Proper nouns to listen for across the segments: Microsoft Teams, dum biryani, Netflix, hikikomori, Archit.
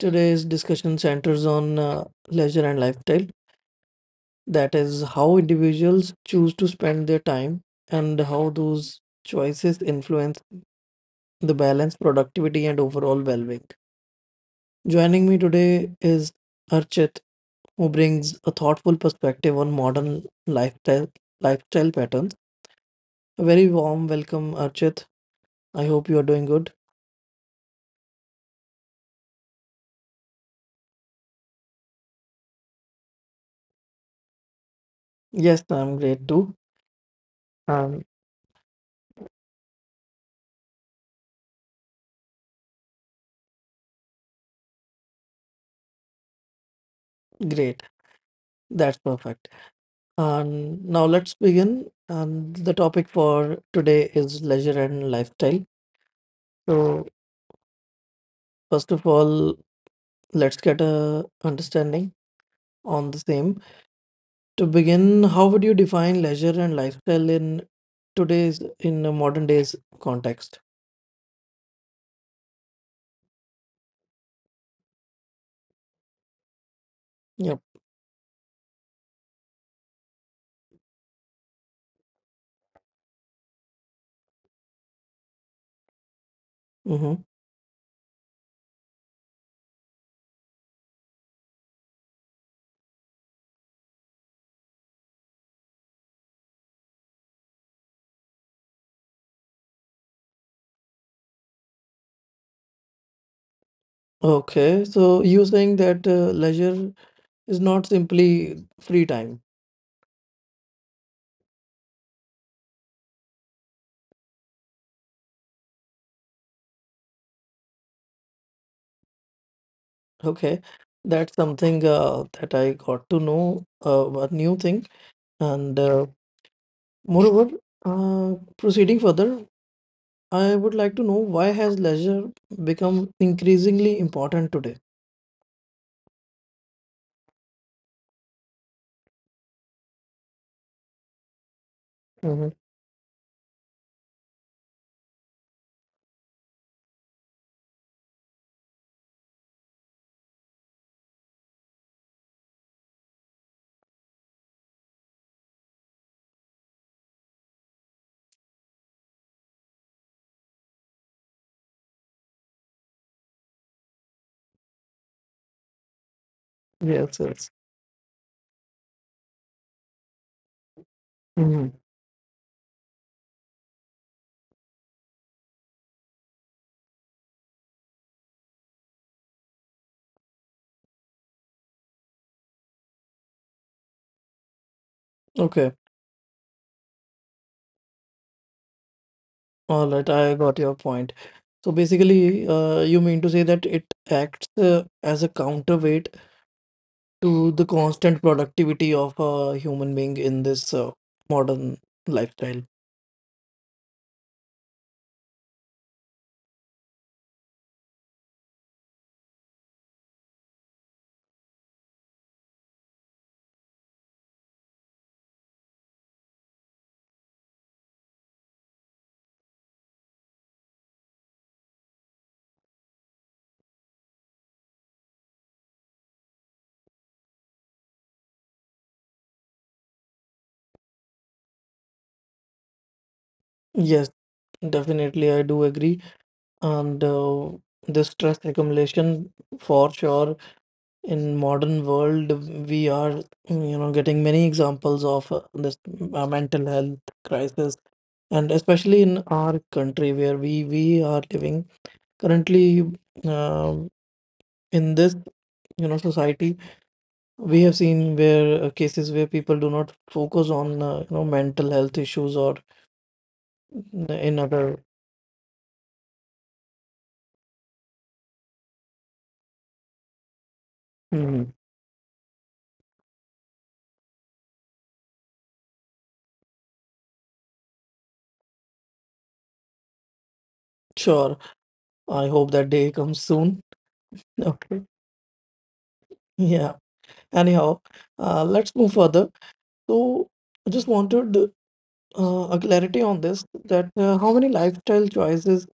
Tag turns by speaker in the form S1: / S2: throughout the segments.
S1: Today's discussion centers on leisure and lifestyle. That is, how individuals choose to spend their time and how those choices influence the balance, productivity, and overall well being. Joining me today is Archit, who brings a thoughtful perspective on modern lifestyle patterns. A very warm welcome, Archit. I hope you are doing good. Yes, I'm great too. Um, great. That's perfect. And now let's begin. And the topic for today is leisure and lifestyle. So first of all, let's get a understanding on the same. To begin, how would you define leisure and lifestyle in a modern days context? Yep. Mm-hmm. Okay. So you saying that leisure is not simply free time. Okay. That's something that I got to know, a new thing. And moreover, proceeding further, I would like to know why has leisure become increasingly important today? Hmm. Yes, yes. Hmm. Okay, all right, I got your point. So basically, you mean to say that it acts as a counterweight to the constant productivity of a human being in this modern lifestyle? Yes, definitely, I do agree. And the stress accumulation, for sure in modern world we are getting many examples of this mental health crisis, and especially in our country where we are living currently um in this society. We have seen where cases where people do not focus on mental health issues or in other. Mhm. Sure. I hope that day comes soon. Okay, yeah, anyhow, let's move further. So I just wanted a clarity on this, that how many lifestyle choices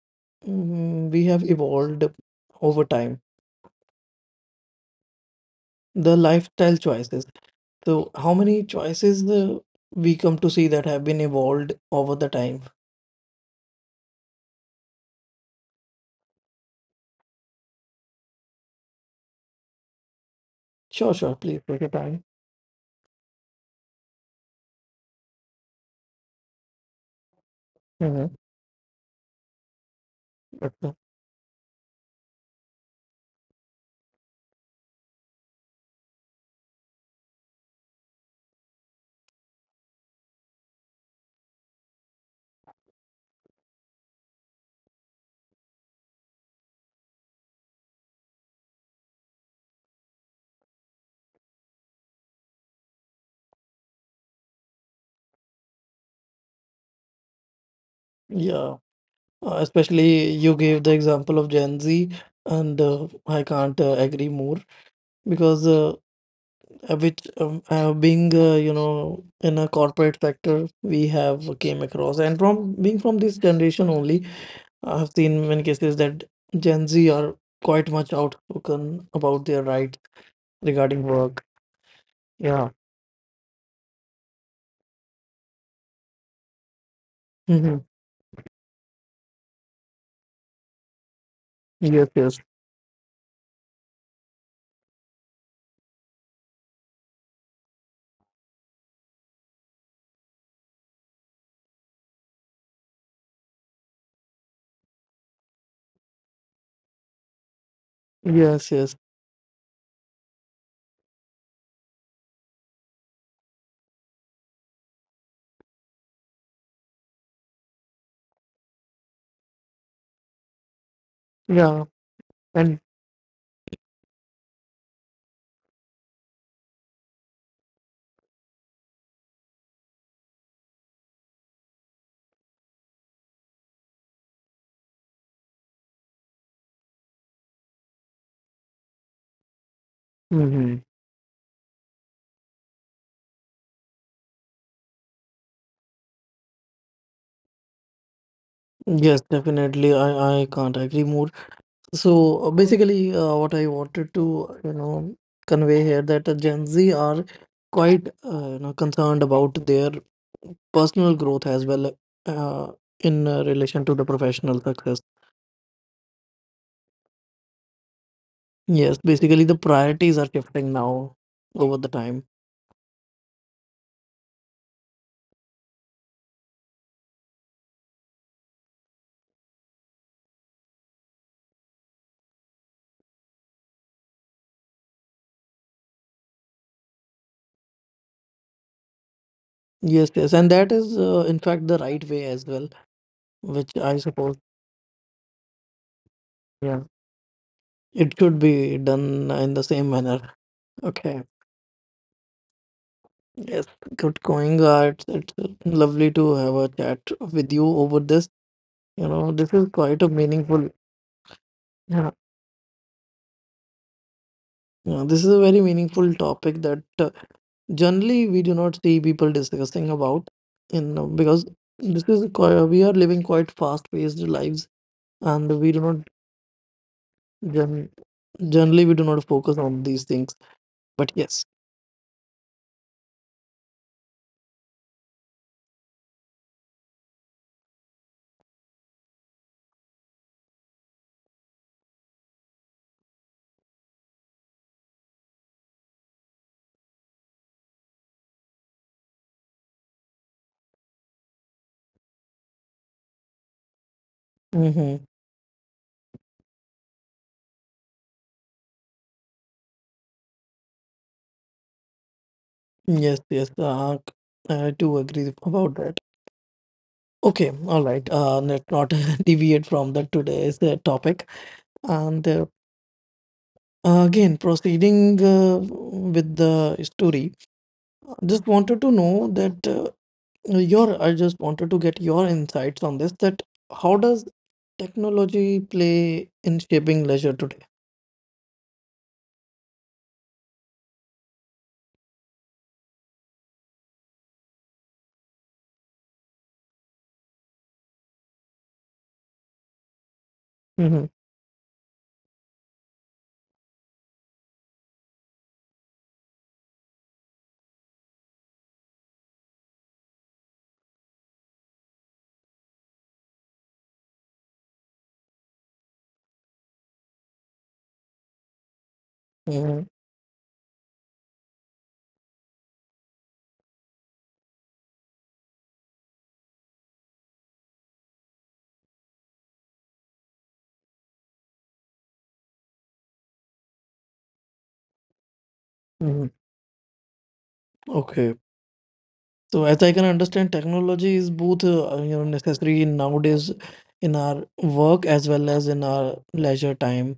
S1: we have evolved over time, the lifestyle choices. So how many choices we come to see that have been evolved over the time. Sure, sure. Please take your time. Hmm. But, yeah, especially you gave the example of Gen Z, and I can't agree more, because with being, in a corporate sector, we have came across, and from being from this generation only, I have seen many cases that Gen Z are quite much outspoken about their rights regarding work. Yeah. Mm-hmm. Yes, yes, yes, yes. Yeah, and hmm yes, definitely. I can't agree more. So basically, what I wanted to, convey here that Gen Z are quite, concerned about their personal growth as well, uh, in relation to the professional success. Yes, basically the priorities are shifting now over the time. Yes, yes, and that is, in fact, the right way as well, which I suppose, yeah, it should be done in the same manner. Okay. Yes, good going, Art. It's lovely to have a chat with you over this. You know, this is quite a meaningful, yeah, yeah, this is a very meaningful topic that generally we do not see people discussing about, because this is quite. We are living quite fast-paced lives, and gen we do not focus on these things. But yes, mm-hmm. Yes, yes, I do agree about that. Okay, all right. Let's not deviate from the today's topic. And again, proceeding with the story, just wanted to know that I just wanted to get your insights on this, that how does technology play in shaping leisure today? Hmm. Hmm. Hmm. Okay. So as I can understand, technology is both necessary nowadays in our work as well as in our leisure time.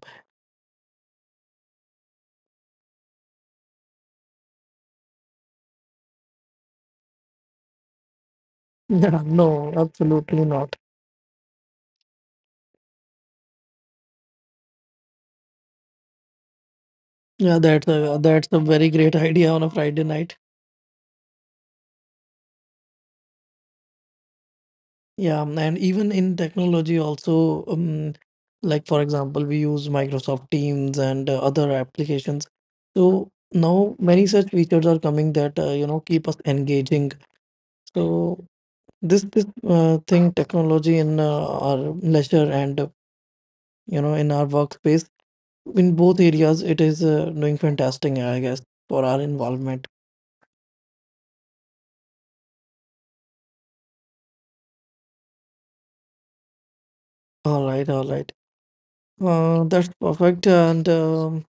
S1: Yeah, no, absolutely not. Yeah, that's a very great idea on a Friday night. Yeah, and even in technology also, like for example, we use Microsoft Teams and other applications. So now many such features are coming that keep us engaging. So this thing technology in our leisure and in our workspace, in both areas it is doing fantastic, I guess, for our involvement. All right, all right. That's perfect. And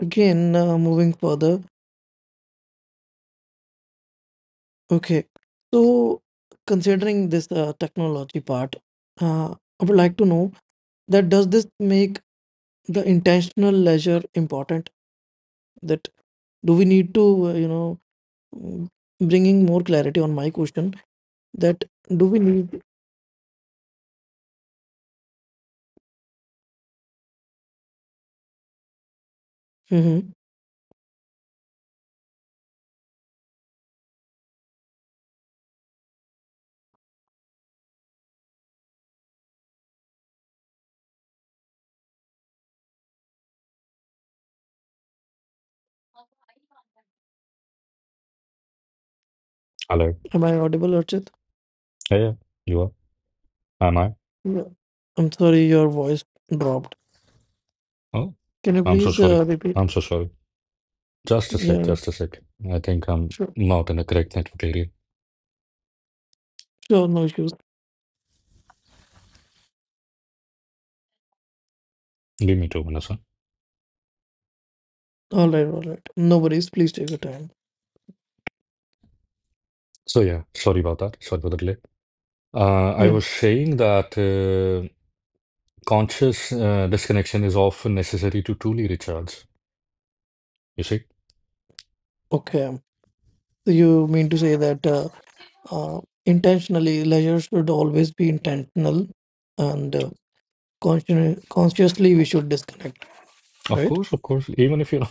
S1: again, moving further. Okay. So, considering this technology part, uh, I would like to know that does this make the intentional leisure important? That do we need to, mm, bringing more clarity on my question, that do we need, Mhm.
S2: Hello.
S1: Am I audible, Archit?
S2: Yeah, yeah, you are. Am I?
S1: Yeah. I'm sorry, your voice dropped.
S2: Oh,
S1: Can you
S2: I'm so
S1: please
S2: sorry.
S1: repeat?
S2: I'm so sorry. Just a sec,
S1: Yeah,
S2: just a sec. I think I'm
S1: sure.
S2: not in the correct network area.
S1: Sure, no issues.
S2: Give me 2 minutes, huh?
S1: All right, all right. No worries. Please take your time.
S2: So yeah, sorry about that. Sorry for the delay. I
S1: Yeah.
S2: was saying that conscious disconnection is often necessary to truly recharge. You see?
S1: Okay. So you mean to say that intentionally, leisure should always be intentional and consciously we should disconnect,
S2: Of
S1: right?
S2: course, of course. Even if you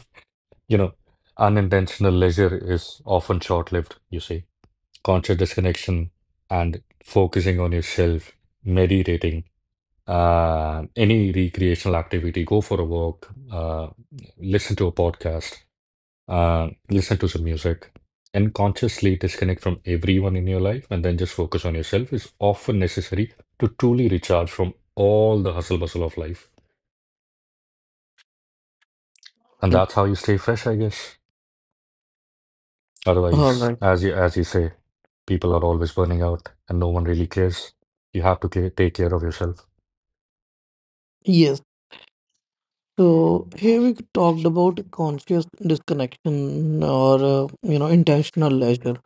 S2: you know, unintentional leisure is often short-lived, you see. Conscious disconnection and focusing on yourself, meditating, any recreational activity, go for a walk, listen to a podcast, listen to some music, and consciously disconnect from everyone in your life and then just focus on yourself is often necessary to truly recharge from all the hustle bustle of life. And
S1: Mm.
S2: that's how you stay fresh, I guess.
S1: All
S2: Otherwise,
S1: right.
S2: as you say, people are always burning out and no one really cares. You have to take care of yourself.
S1: Yes. So here we talked about conscious disconnection or intentional leisure.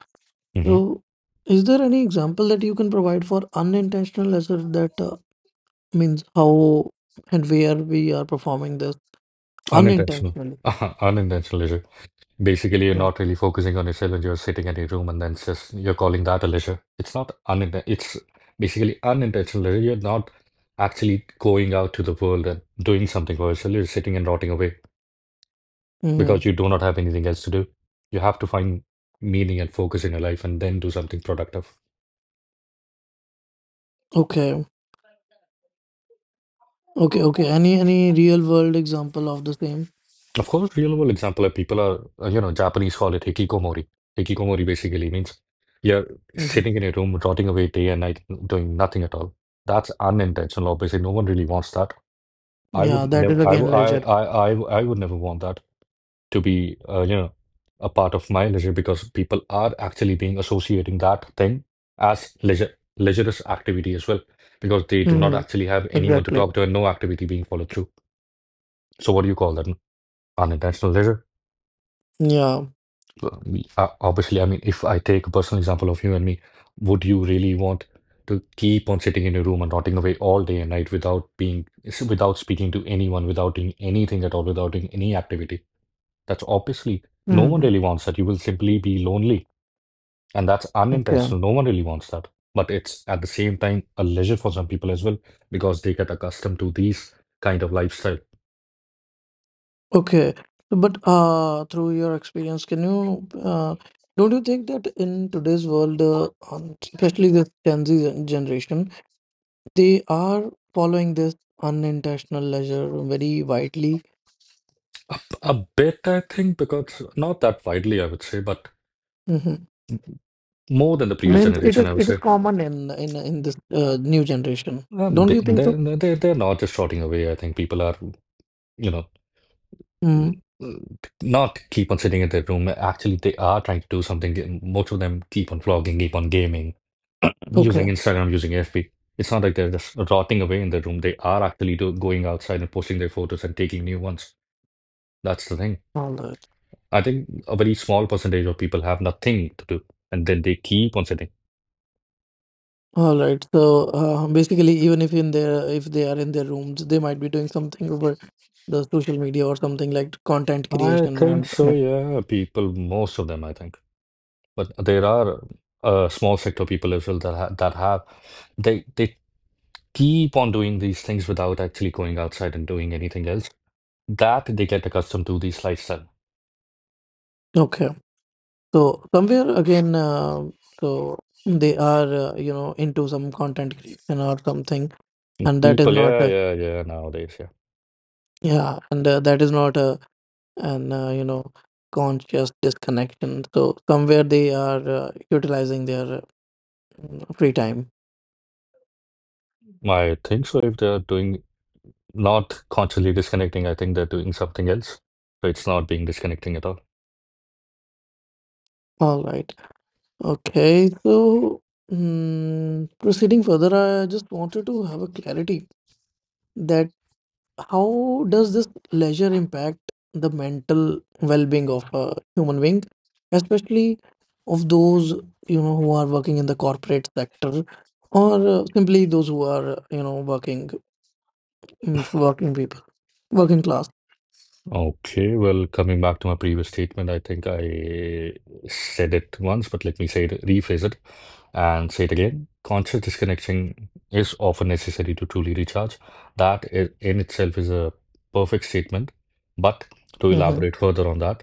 S2: Hmm.
S1: So is there any example that you can provide for unintentional leisure, that means how and where we are performing this?
S2: Unintentional.
S1: Unintentionally.
S2: Unintentional, is it? Basically, you're
S1: Yeah.
S2: not really focusing on yourself and you're sitting at your room and then it's just you're calling that a leisure. It's not uninten it's basically unintentional leisure. You're not actually going out to the world and doing something for yourself. You're sitting and rotting away because
S1: Mm-hmm.
S2: you do not have anything else to do. You have to find meaning and focus in your life and then do something productive.
S1: Okay. Okay. Okay. Any real world example of the same?
S2: Of course, real-world example, people are, Japanese call it hikikomori. Hikikomori basically means you're
S1: Mm-hmm.
S2: sitting in a room, rotting away day and night, doing nothing at all. That's unintentional. Obviously, no one really wants that. I
S1: Yeah,
S2: would
S1: that
S2: never,
S1: is
S2: I, w-
S1: again leisure.
S2: I, w- I would never want that to be, a part of my leisure because people are actually being associating that thing as leisure, leisureous activity as well because they do not
S1: Mm-hmm.
S2: actually have anyone to
S1: Exactly.
S2: talk to and no activity being followed through. So, what do you call that? Unintentional leisure.
S1: Yeah.
S2: Well, Obviously, I mean, if I take a personal example of you and me, would you really want to keep on sitting in your room and rotting away all day and night without being, without speaking to anyone, without doing anything at all, without doing any activity? That's obviously no one
S1: Mm-hmm.
S2: really wants that. You will simply be lonely, and that's
S1: Okay.
S2: unintentional. No one really wants that. But it's at the same time a leisure for some people as well because they get accustomed to these kind of lifestyle.
S1: Okay. So, but through your experience, can you don't you think that in today's world, especially the Gen Z generation, they are following this unintentional leisure very widely?
S2: A bit, I think, because not that widely, I would say, but more than the previous
S1: Means it
S2: generation,
S1: is
S2: I would
S1: it is
S2: say.
S1: common in
S2: Mm,
S1: this new generation. Don't you think so?
S2: No, they're not just rotting away. I think people are, you know, mm,
S1: Mm,
S2: not keep on sitting in their room. Actually, they are trying to do something. Most of them keep on vlogging, keep on gaming, using
S1: okay.
S2: Instagram, using FB. It's not like they're just rotting away in their room. They are actually going outside and posting their photos and taking new ones. That's the thing.
S1: All right.
S2: I think a very small percentage of people have nothing to do, and then they keep on sitting.
S1: All right. So basically, even if in their if they are in their rooms, they might be doing something over the social media or something like content
S2: I
S1: creation.
S2: think
S1: And,
S2: so,
S1: and-
S2: yeah. People, most of them, I think. But there are a small sector people as well that ha that have they keep on doing these things without actually going outside and doing anything else. That they get accustomed to this lifestyle.
S1: okay. So somewhere again, so they are into some content creation or something, and that is
S2: People,
S1: not
S2: yeah,
S1: a,
S2: yeah, yeah, nowadays, yeah.
S1: yeah, and that is not a and conscious disconnection. So somewhere they are utilizing their free time.
S2: I think so. If they're doing not consciously disconnecting, I think they're doing something else. So it's not being disconnecting at all.
S1: All right. Okay. So proceeding further, I just wanted to have a clarity that how does this leisure impact the mental well-being of a human being, especially of those who are working in the corporate sector, or simply those who are mm, working people working class.
S2: Okay, well, coming back to my previous statement, I think I said it once, but let me say it, rephrase it and say it again. Conscious disconnection is often necessary to truly recharge. That in itself is a perfect statement. But to
S1: Mm-hmm.
S2: elaborate further on that,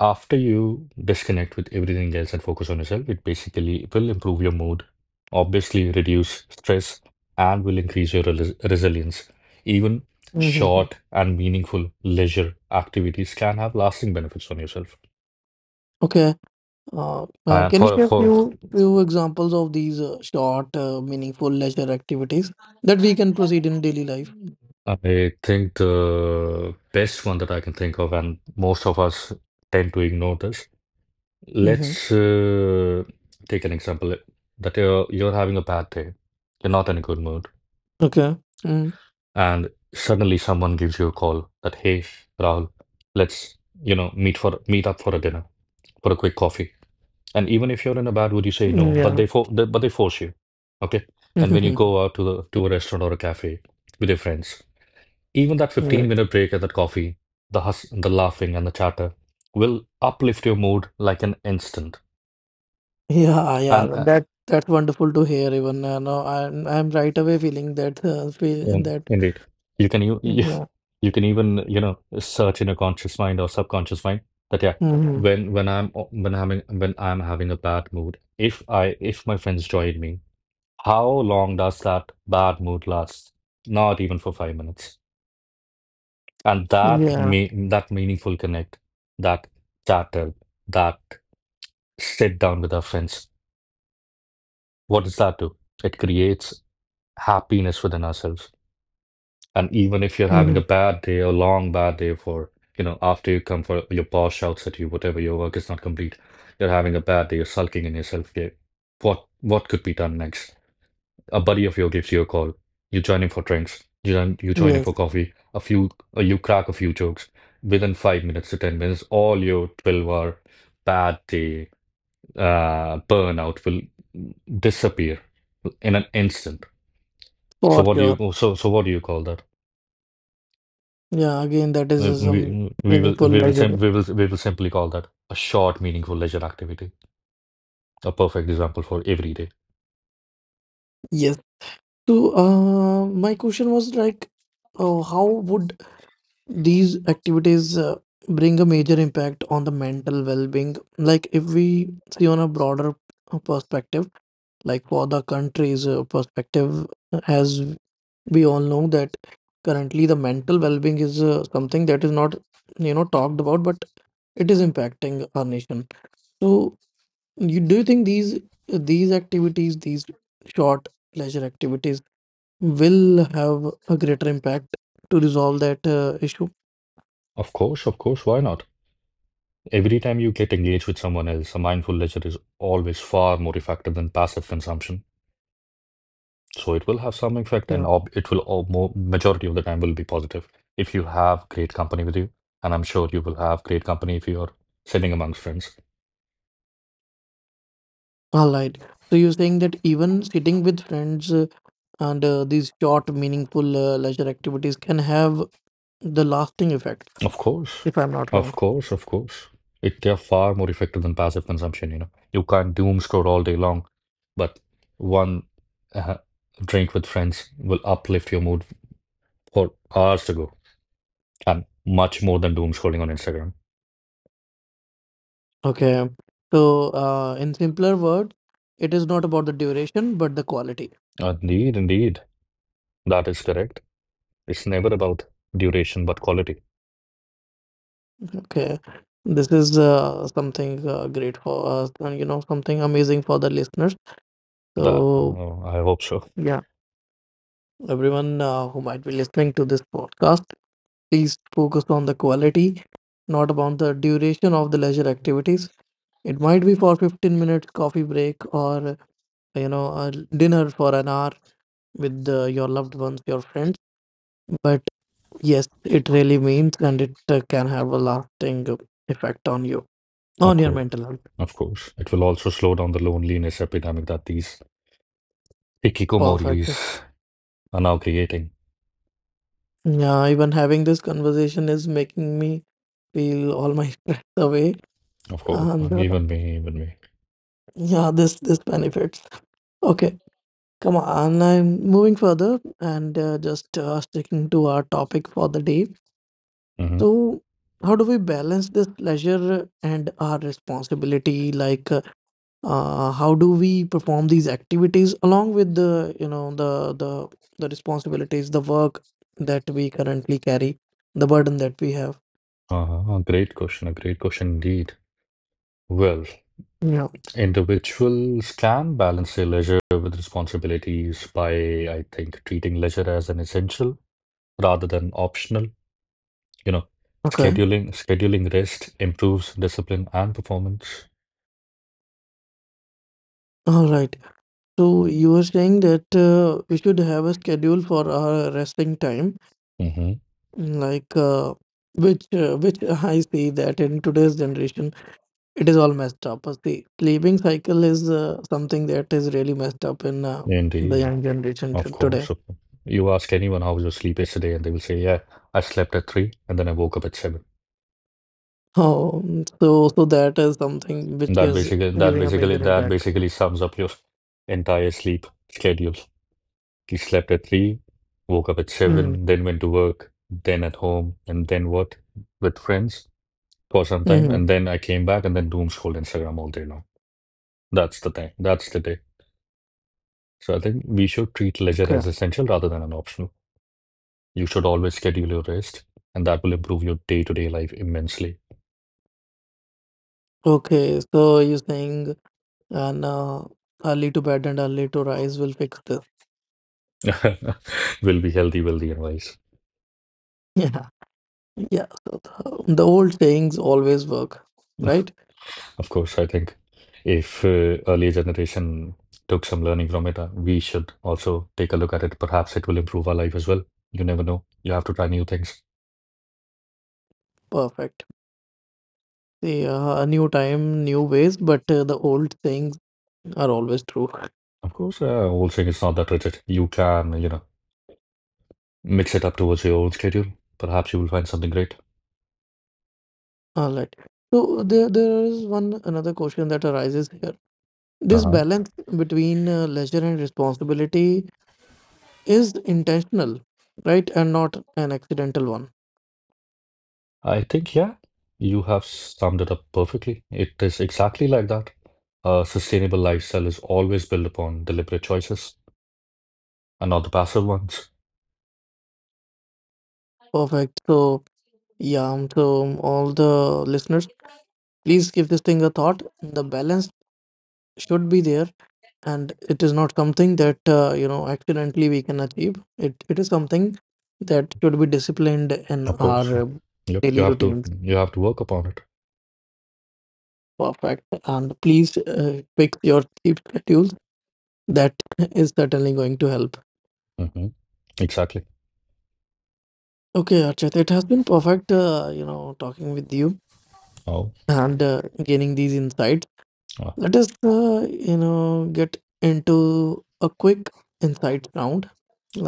S2: after you disconnect with everything else and focus on yourself, it will improve your mood, obviously reduce stress, and will increase your rel resilience. Even
S1: Mm-hmm.
S2: short and meaningful leisure activities can have lasting benefits on yourself.
S1: Okay.
S2: And
S1: Can you
S2: for
S1: share
S2: for
S1: few examples of these short, meaningful leisure activities that we can proceed in daily life?
S2: I think the best one that I can think of, and most of us tend to ignore this.
S1: Mm-hmm.
S2: Let's take an example that you're having a bad day. You're not in a good mood
S1: Okay. Mm.
S2: and suddenly someone gives you a call that, "Hey Rahul, let's meet for meet up for a dinner for a quick coffee." And even if you're in a bad mood you say no, but
S1: Yeah.
S2: they force you, okay, and when you go out to the to a restaurant or a cafe with your friends, even that
S1: Mm-hmm.
S2: 15
S1: Yes.
S2: minute break at that coffee, the the laughing and the chatter will uplift your mood like an instant.
S1: Yeah. Yeah.
S2: And
S1: That's wonderful to hear. Even no, I'm right away feeling that feel that.
S2: Indeed. You
S1: Yeah.
S2: you can even, you know, search in a conscious mind or subconscious mind that yeah,
S1: Mm-hmm.
S2: when I'm having a bad mood, if my friends join me, how long does that bad mood last? Not even for 5 minutes. And that
S1: Yeah.
S2: me that meaningful connect, that chatter, that sit down with our friends, what does that do? It creates happiness within ourselves. And even if you're having a
S1: Mm-hmm.
S2: bad day, a long bad day for, you know, after you come for your boss shouts at you, whatever your work is not complete, you're having a bad day, you're sulking in yourself. Yeah, what could be done next? A buddy of yours gives you a call. You join him for drinks. You join him
S1: Yes.
S2: for coffee. A few, you crack a few jokes. Within 5 minutes to 10 minutes, all your 12-hour bad day burnout will disappear in an instant. So
S1: For
S2: what do
S1: sure.
S2: you so so what do you call that?
S1: Yeah. Again, that is some meaningful
S2: We will sim
S1: leisure.
S2: we will simply call that a short, meaningful leisure activity. A perfect example for every day.
S1: Yes. So, my question was like, how would these activities bring a major impact on the mental well-being? Like, if we see on a broader perspective, like for the country's perspective, as we all know that currently the mental well-being is something that is not, talked about, but it is impacting our nation. So, you do you think these activities, these short pleasure activities will have a greater impact to resolve that issue.
S2: Of course, why not? Every time you get engaged with someone else, a mindful leisure is always far more effective than passive consumption. So it will have some effect, and
S1: Yeah.
S2: ob it will all more majority of the time will be positive if you have great company with you. And I'm sure you will have great company if you are sitting amongst friends.
S1: All right. So you're saying that even sitting with friends and these short, meaningful leisure activities can have the lasting effect,
S2: Of course.
S1: if I'm not wrong.
S2: Of course, of course. It They're far more effective than passive consumption, you know. You can't doom scroll all day long, but one uh, drink with friends will uplift your mood for hours to go, and much more than doom scrolling on Instagram.
S1: Okay. So, in simpler words, it is not about the duration, but the quality.
S2: Indeed, indeed. That is correct. It's never about duration, but quality.
S1: Okay. This is something great for us, and something amazing for the listeners. So,
S2: I hope so.
S1: yeah, everyone who might be listening to this podcast, please focus on the quality, not about the duration of the leisure activities. It might be for 15 minutes coffee break, or a dinner for an hour with your loved ones, your friends. But yes, it really means, and it can have a lasting effect on you,
S2: Of
S1: on your
S2: course.
S1: mental health.
S2: Of course. It will also slow down the loneliness epidemic that these
S1: Perfect.
S2: hikikomoris are now creating.
S1: Yeah, even having this conversation is making me feel all my stress away,
S2: Of course,
S1: and
S2: and even me, even me.
S1: yeah, this benefits. Okay, come on, I'm moving further, and just sticking to our topic for the day.
S2: Hmm.
S1: So, how do we balance this leisure and our responsibility? Like, how do we perform these activities along with the, the responsibilities, the work that we currently carry, the burden that we have?
S2: Uh-huh. A great question indeed. Well,
S1: Yeah.
S2: individuals can balance their leisure with responsibilities by, I think, treating leisure as an essential rather than optional. You know,
S1: Okay.
S2: scheduling rest improves discipline and performance.
S1: All right. So you were saying that we should have a schedule for our resting time,
S2: Hmm.
S1: like which I see that in today's generation it is all messed up. The sleeping cycle is something that is really messed up in the
S2: Indeed,
S1: young generation
S2: of
S1: today.
S2: course, of course. You ask anyone how was your sleep yesterday, and they will say, "Yeah, I slept at three, and then I woke up at seven."
S1: Oh, so that is something which
S2: That
S1: is
S2: basically that
S1: giving a
S2: basically
S1: major
S2: that
S1: impact.
S2: basically sums up your entire sleep schedule. He slept at three, woke up at
S1: Mm.
S2: seven, then went to work, then at home, and then what? With friends for some time,
S1: Hmm.
S2: and then I came back and then doom scrolled Instagram all day long. That's the thing. That's the day. So I think we should treat leisure as
S1: Okay,
S2: essential rather than an optional. You should always schedule your rest, and that will improve your day-to-day life immensely.
S1: okay. So you're saying, and early to bed and early to rise will fix this.
S2: Will be healthy, wealthy, and wise.
S1: Yeah, yeah. So the old sayings always work, right?
S2: Of course, I think if earlier generation took some learning from it, we should also take a look at it. Perhaps it will improve our life as well. You never know. You have to try new things.
S1: Perfect. Yeah, new time, new ways, but the old things are always true.
S2: Of course, old thing is not that rigid. You can, you know, mix it up towards your own schedule. Perhaps you will find something great.
S1: All right. So there is one another question that arises here. This
S2: Uh-huh.
S1: balance between leisure and responsibility is intentional, right? And not an accidental one.
S2: I think, yeah, you have summed it up perfectly. It is exactly like that. A sustainable lifestyle is always built upon deliberate choices and not the passive ones.
S1: Perfect. So yeah, all the listeners, please give this thing a thought. The balance should be there, and it is not something that accidentally we can achieve it. It is something that should be disciplined in
S2: Of
S1: our
S2: course. Yep,
S1: daily routines.
S2: you have to work upon it.
S1: Perfect. And please fix your sleep schedules, that is certainly going to help.
S2: Hmm. Exactly.
S1: Okay, Archit, it has been perfect talking with you
S2: Oh,
S1: and gaining these insights.
S2: uh,
S1: Let us get into a quick insight round,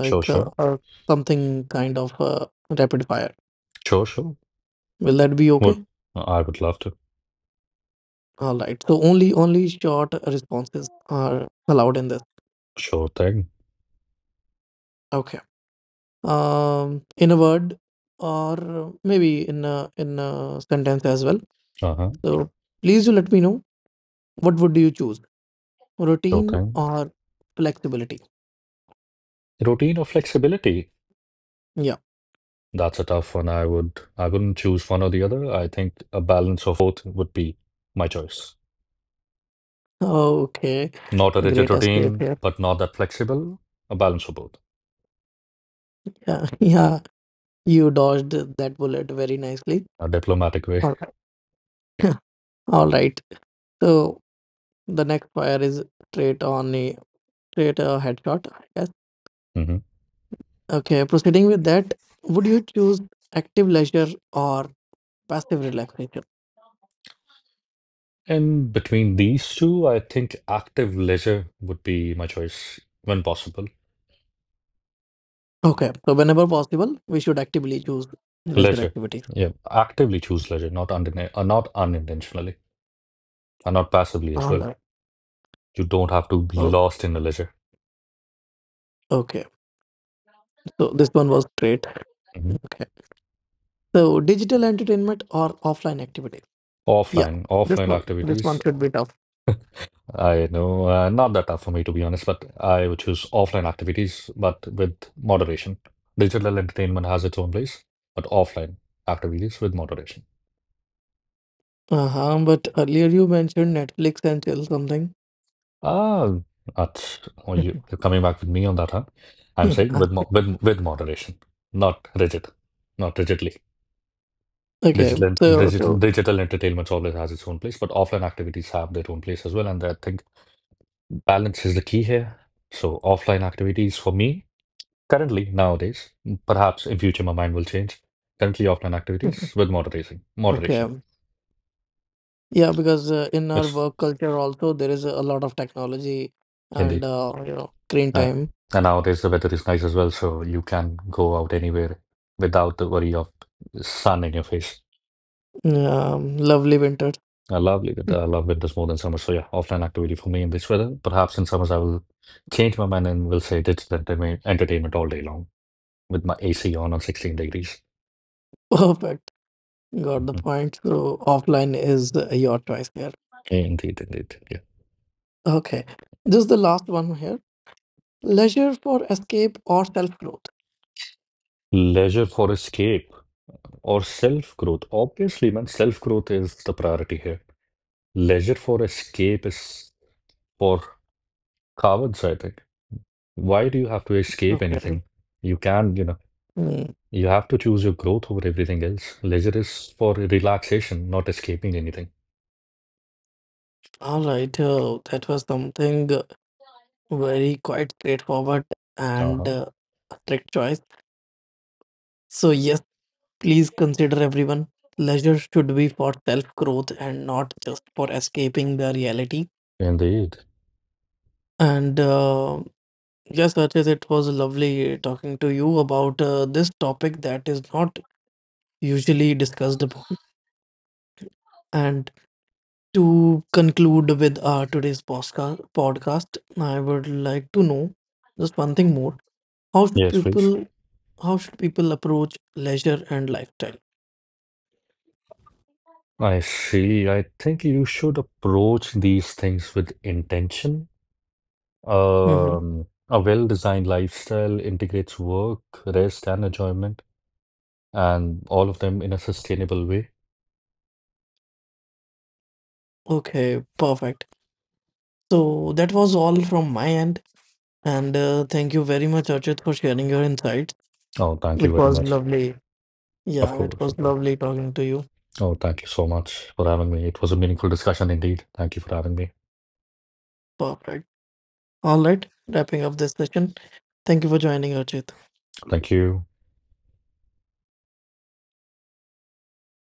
S2: sure, sure,
S1: or something kind of rapid fire.
S2: sure, sure.
S1: Will that be
S2: Would
S1: okay?
S2: would love to.
S1: All right. So only short responses are allowed in this.
S2: Sure thing.
S1: Okay. In a word, or maybe in a sentence as well.
S2: Uh-huh.
S1: So please do let me know, what would you choose,
S2: Sure
S1: routine
S2: thing.
S1: or flexibility?
S2: Routine or flexibility?
S1: Yeah.
S2: That's a tough one. I wouldn't choose one or the other. I think a balance of both would be my choice.
S1: Okay.
S2: Not a rigid
S1: Great escape
S2: routine,
S1: here.
S2: but not that flexible. A balance of both.
S1: Yeah. Yeah. You dodged that bullet very nicely.
S2: A diplomatic way.
S1: All right. All right. So the next fire is straight on a straight a headshot. Yes.
S2: Hmm.
S1: Okay, proceeding with that, would you choose active leisure or passive relaxation?
S2: And between these two, I think active leisure would be my choice when possible.
S1: Okay, so whenever possible, we should actively choose leisure
S2: Legit.
S1: activities.
S2: Yeah. Actively choose legit, not unintentionally, and not passively as
S1: All
S2: well.
S1: right.
S2: You don't have to be
S1: Oh,
S2: lost in the leisure.
S1: okay. So this one was great.
S2: Mhm.
S1: Okay. So digital entertainment or offline activities? Yeah,
S2: Offline,
S1: this
S2: offline
S1: one. This one
S2: activities.
S1: should be tough.
S2: I know, not that tough for me to be honest, but I would choose offline activities, but with moderation. Digital entertainment has its own place, but offline activities with moderation.
S1: Uh huh. But earlier you mentioned Netflix and chill something.
S2: Ah, that's, oh, you, you're coming back with me on that, huh? I'm
S1: Yeah.
S2: saying with mo with moderation, not rigid, not rigidly.
S1: Okay.
S2: Digital entertainment always has its own place, but offline activities have their own place as well. And I think balance is the key here. So offline activities for me currently nowadays, perhaps in future my mind will change. Currently offline activities with moderation. Moderation.
S1: Okay. Yeah, because in our
S2: It's
S1: work culture also there is a lot of technology and
S2: indeed.
S1: screen
S2: Uh,
S1: time.
S2: and nowadays the weather is nice as well, so you can go out anywhere without the worry of sun in your face.
S1: Lovely winter.
S2: I love League. I love Winters more than summers. So yeah, offline activity for me in this weather. Perhaps in summers I will change my mind and will say digital entertainment all day long with my AC on 16 degrees.
S1: Perfect. Got the
S2: Hmm.
S1: point. So offline is your choice here.
S2: Indeed, indeed. Yeah.
S1: Okay. This is the last one here. Leisure for escape or self-growth.
S2: Leisure for escape or self growth. Obviously, man, self growth is the priority here. Leisure for escape is for cowards, I think. Why do you have to escape
S1: Okay.
S2: anything? You can, you know,
S1: Hmm.
S2: you have to choose your growth over everything else. Leisure is for relaxation, not escaping anything.
S1: All right. That was something very quite straightforward and
S2: Uh-huh.
S1: a strict choice. So yes. Please consider everyone. Leisure should be for self growth and not just for escaping the reality.
S2: Indeed.
S1: And yes, Archit, it was lovely talking to you about this topic that is not usually discussed upon. And to conclude with today's podcast, I would like to know just one thing more. How should
S2: Yes, please.
S1: people how should people approach leisure and lifestyle?
S2: I see. I think you should approach these things with intention.
S1: Hmm.
S2: A well-designed lifestyle integrates work, rest, and enjoyment, and all of them in a sustainable way.
S1: Okay, perfect. So that was all from my end. And thank you very much, Archit, for sharing your insights.
S2: Oh, thank you
S1: It
S2: very
S1: was
S2: much.
S1: lovely.
S2: Of
S1: Yeah, it
S2: course,
S1: was
S2: of course.
S1: lovely talking to you.
S2: Oh, thank you so much for having me. It was a meaningful discussion indeed. Thank you for having me.
S1: Perfect. All right, wrapping up this session. Thank you for joining, Archit.
S2: Thank you.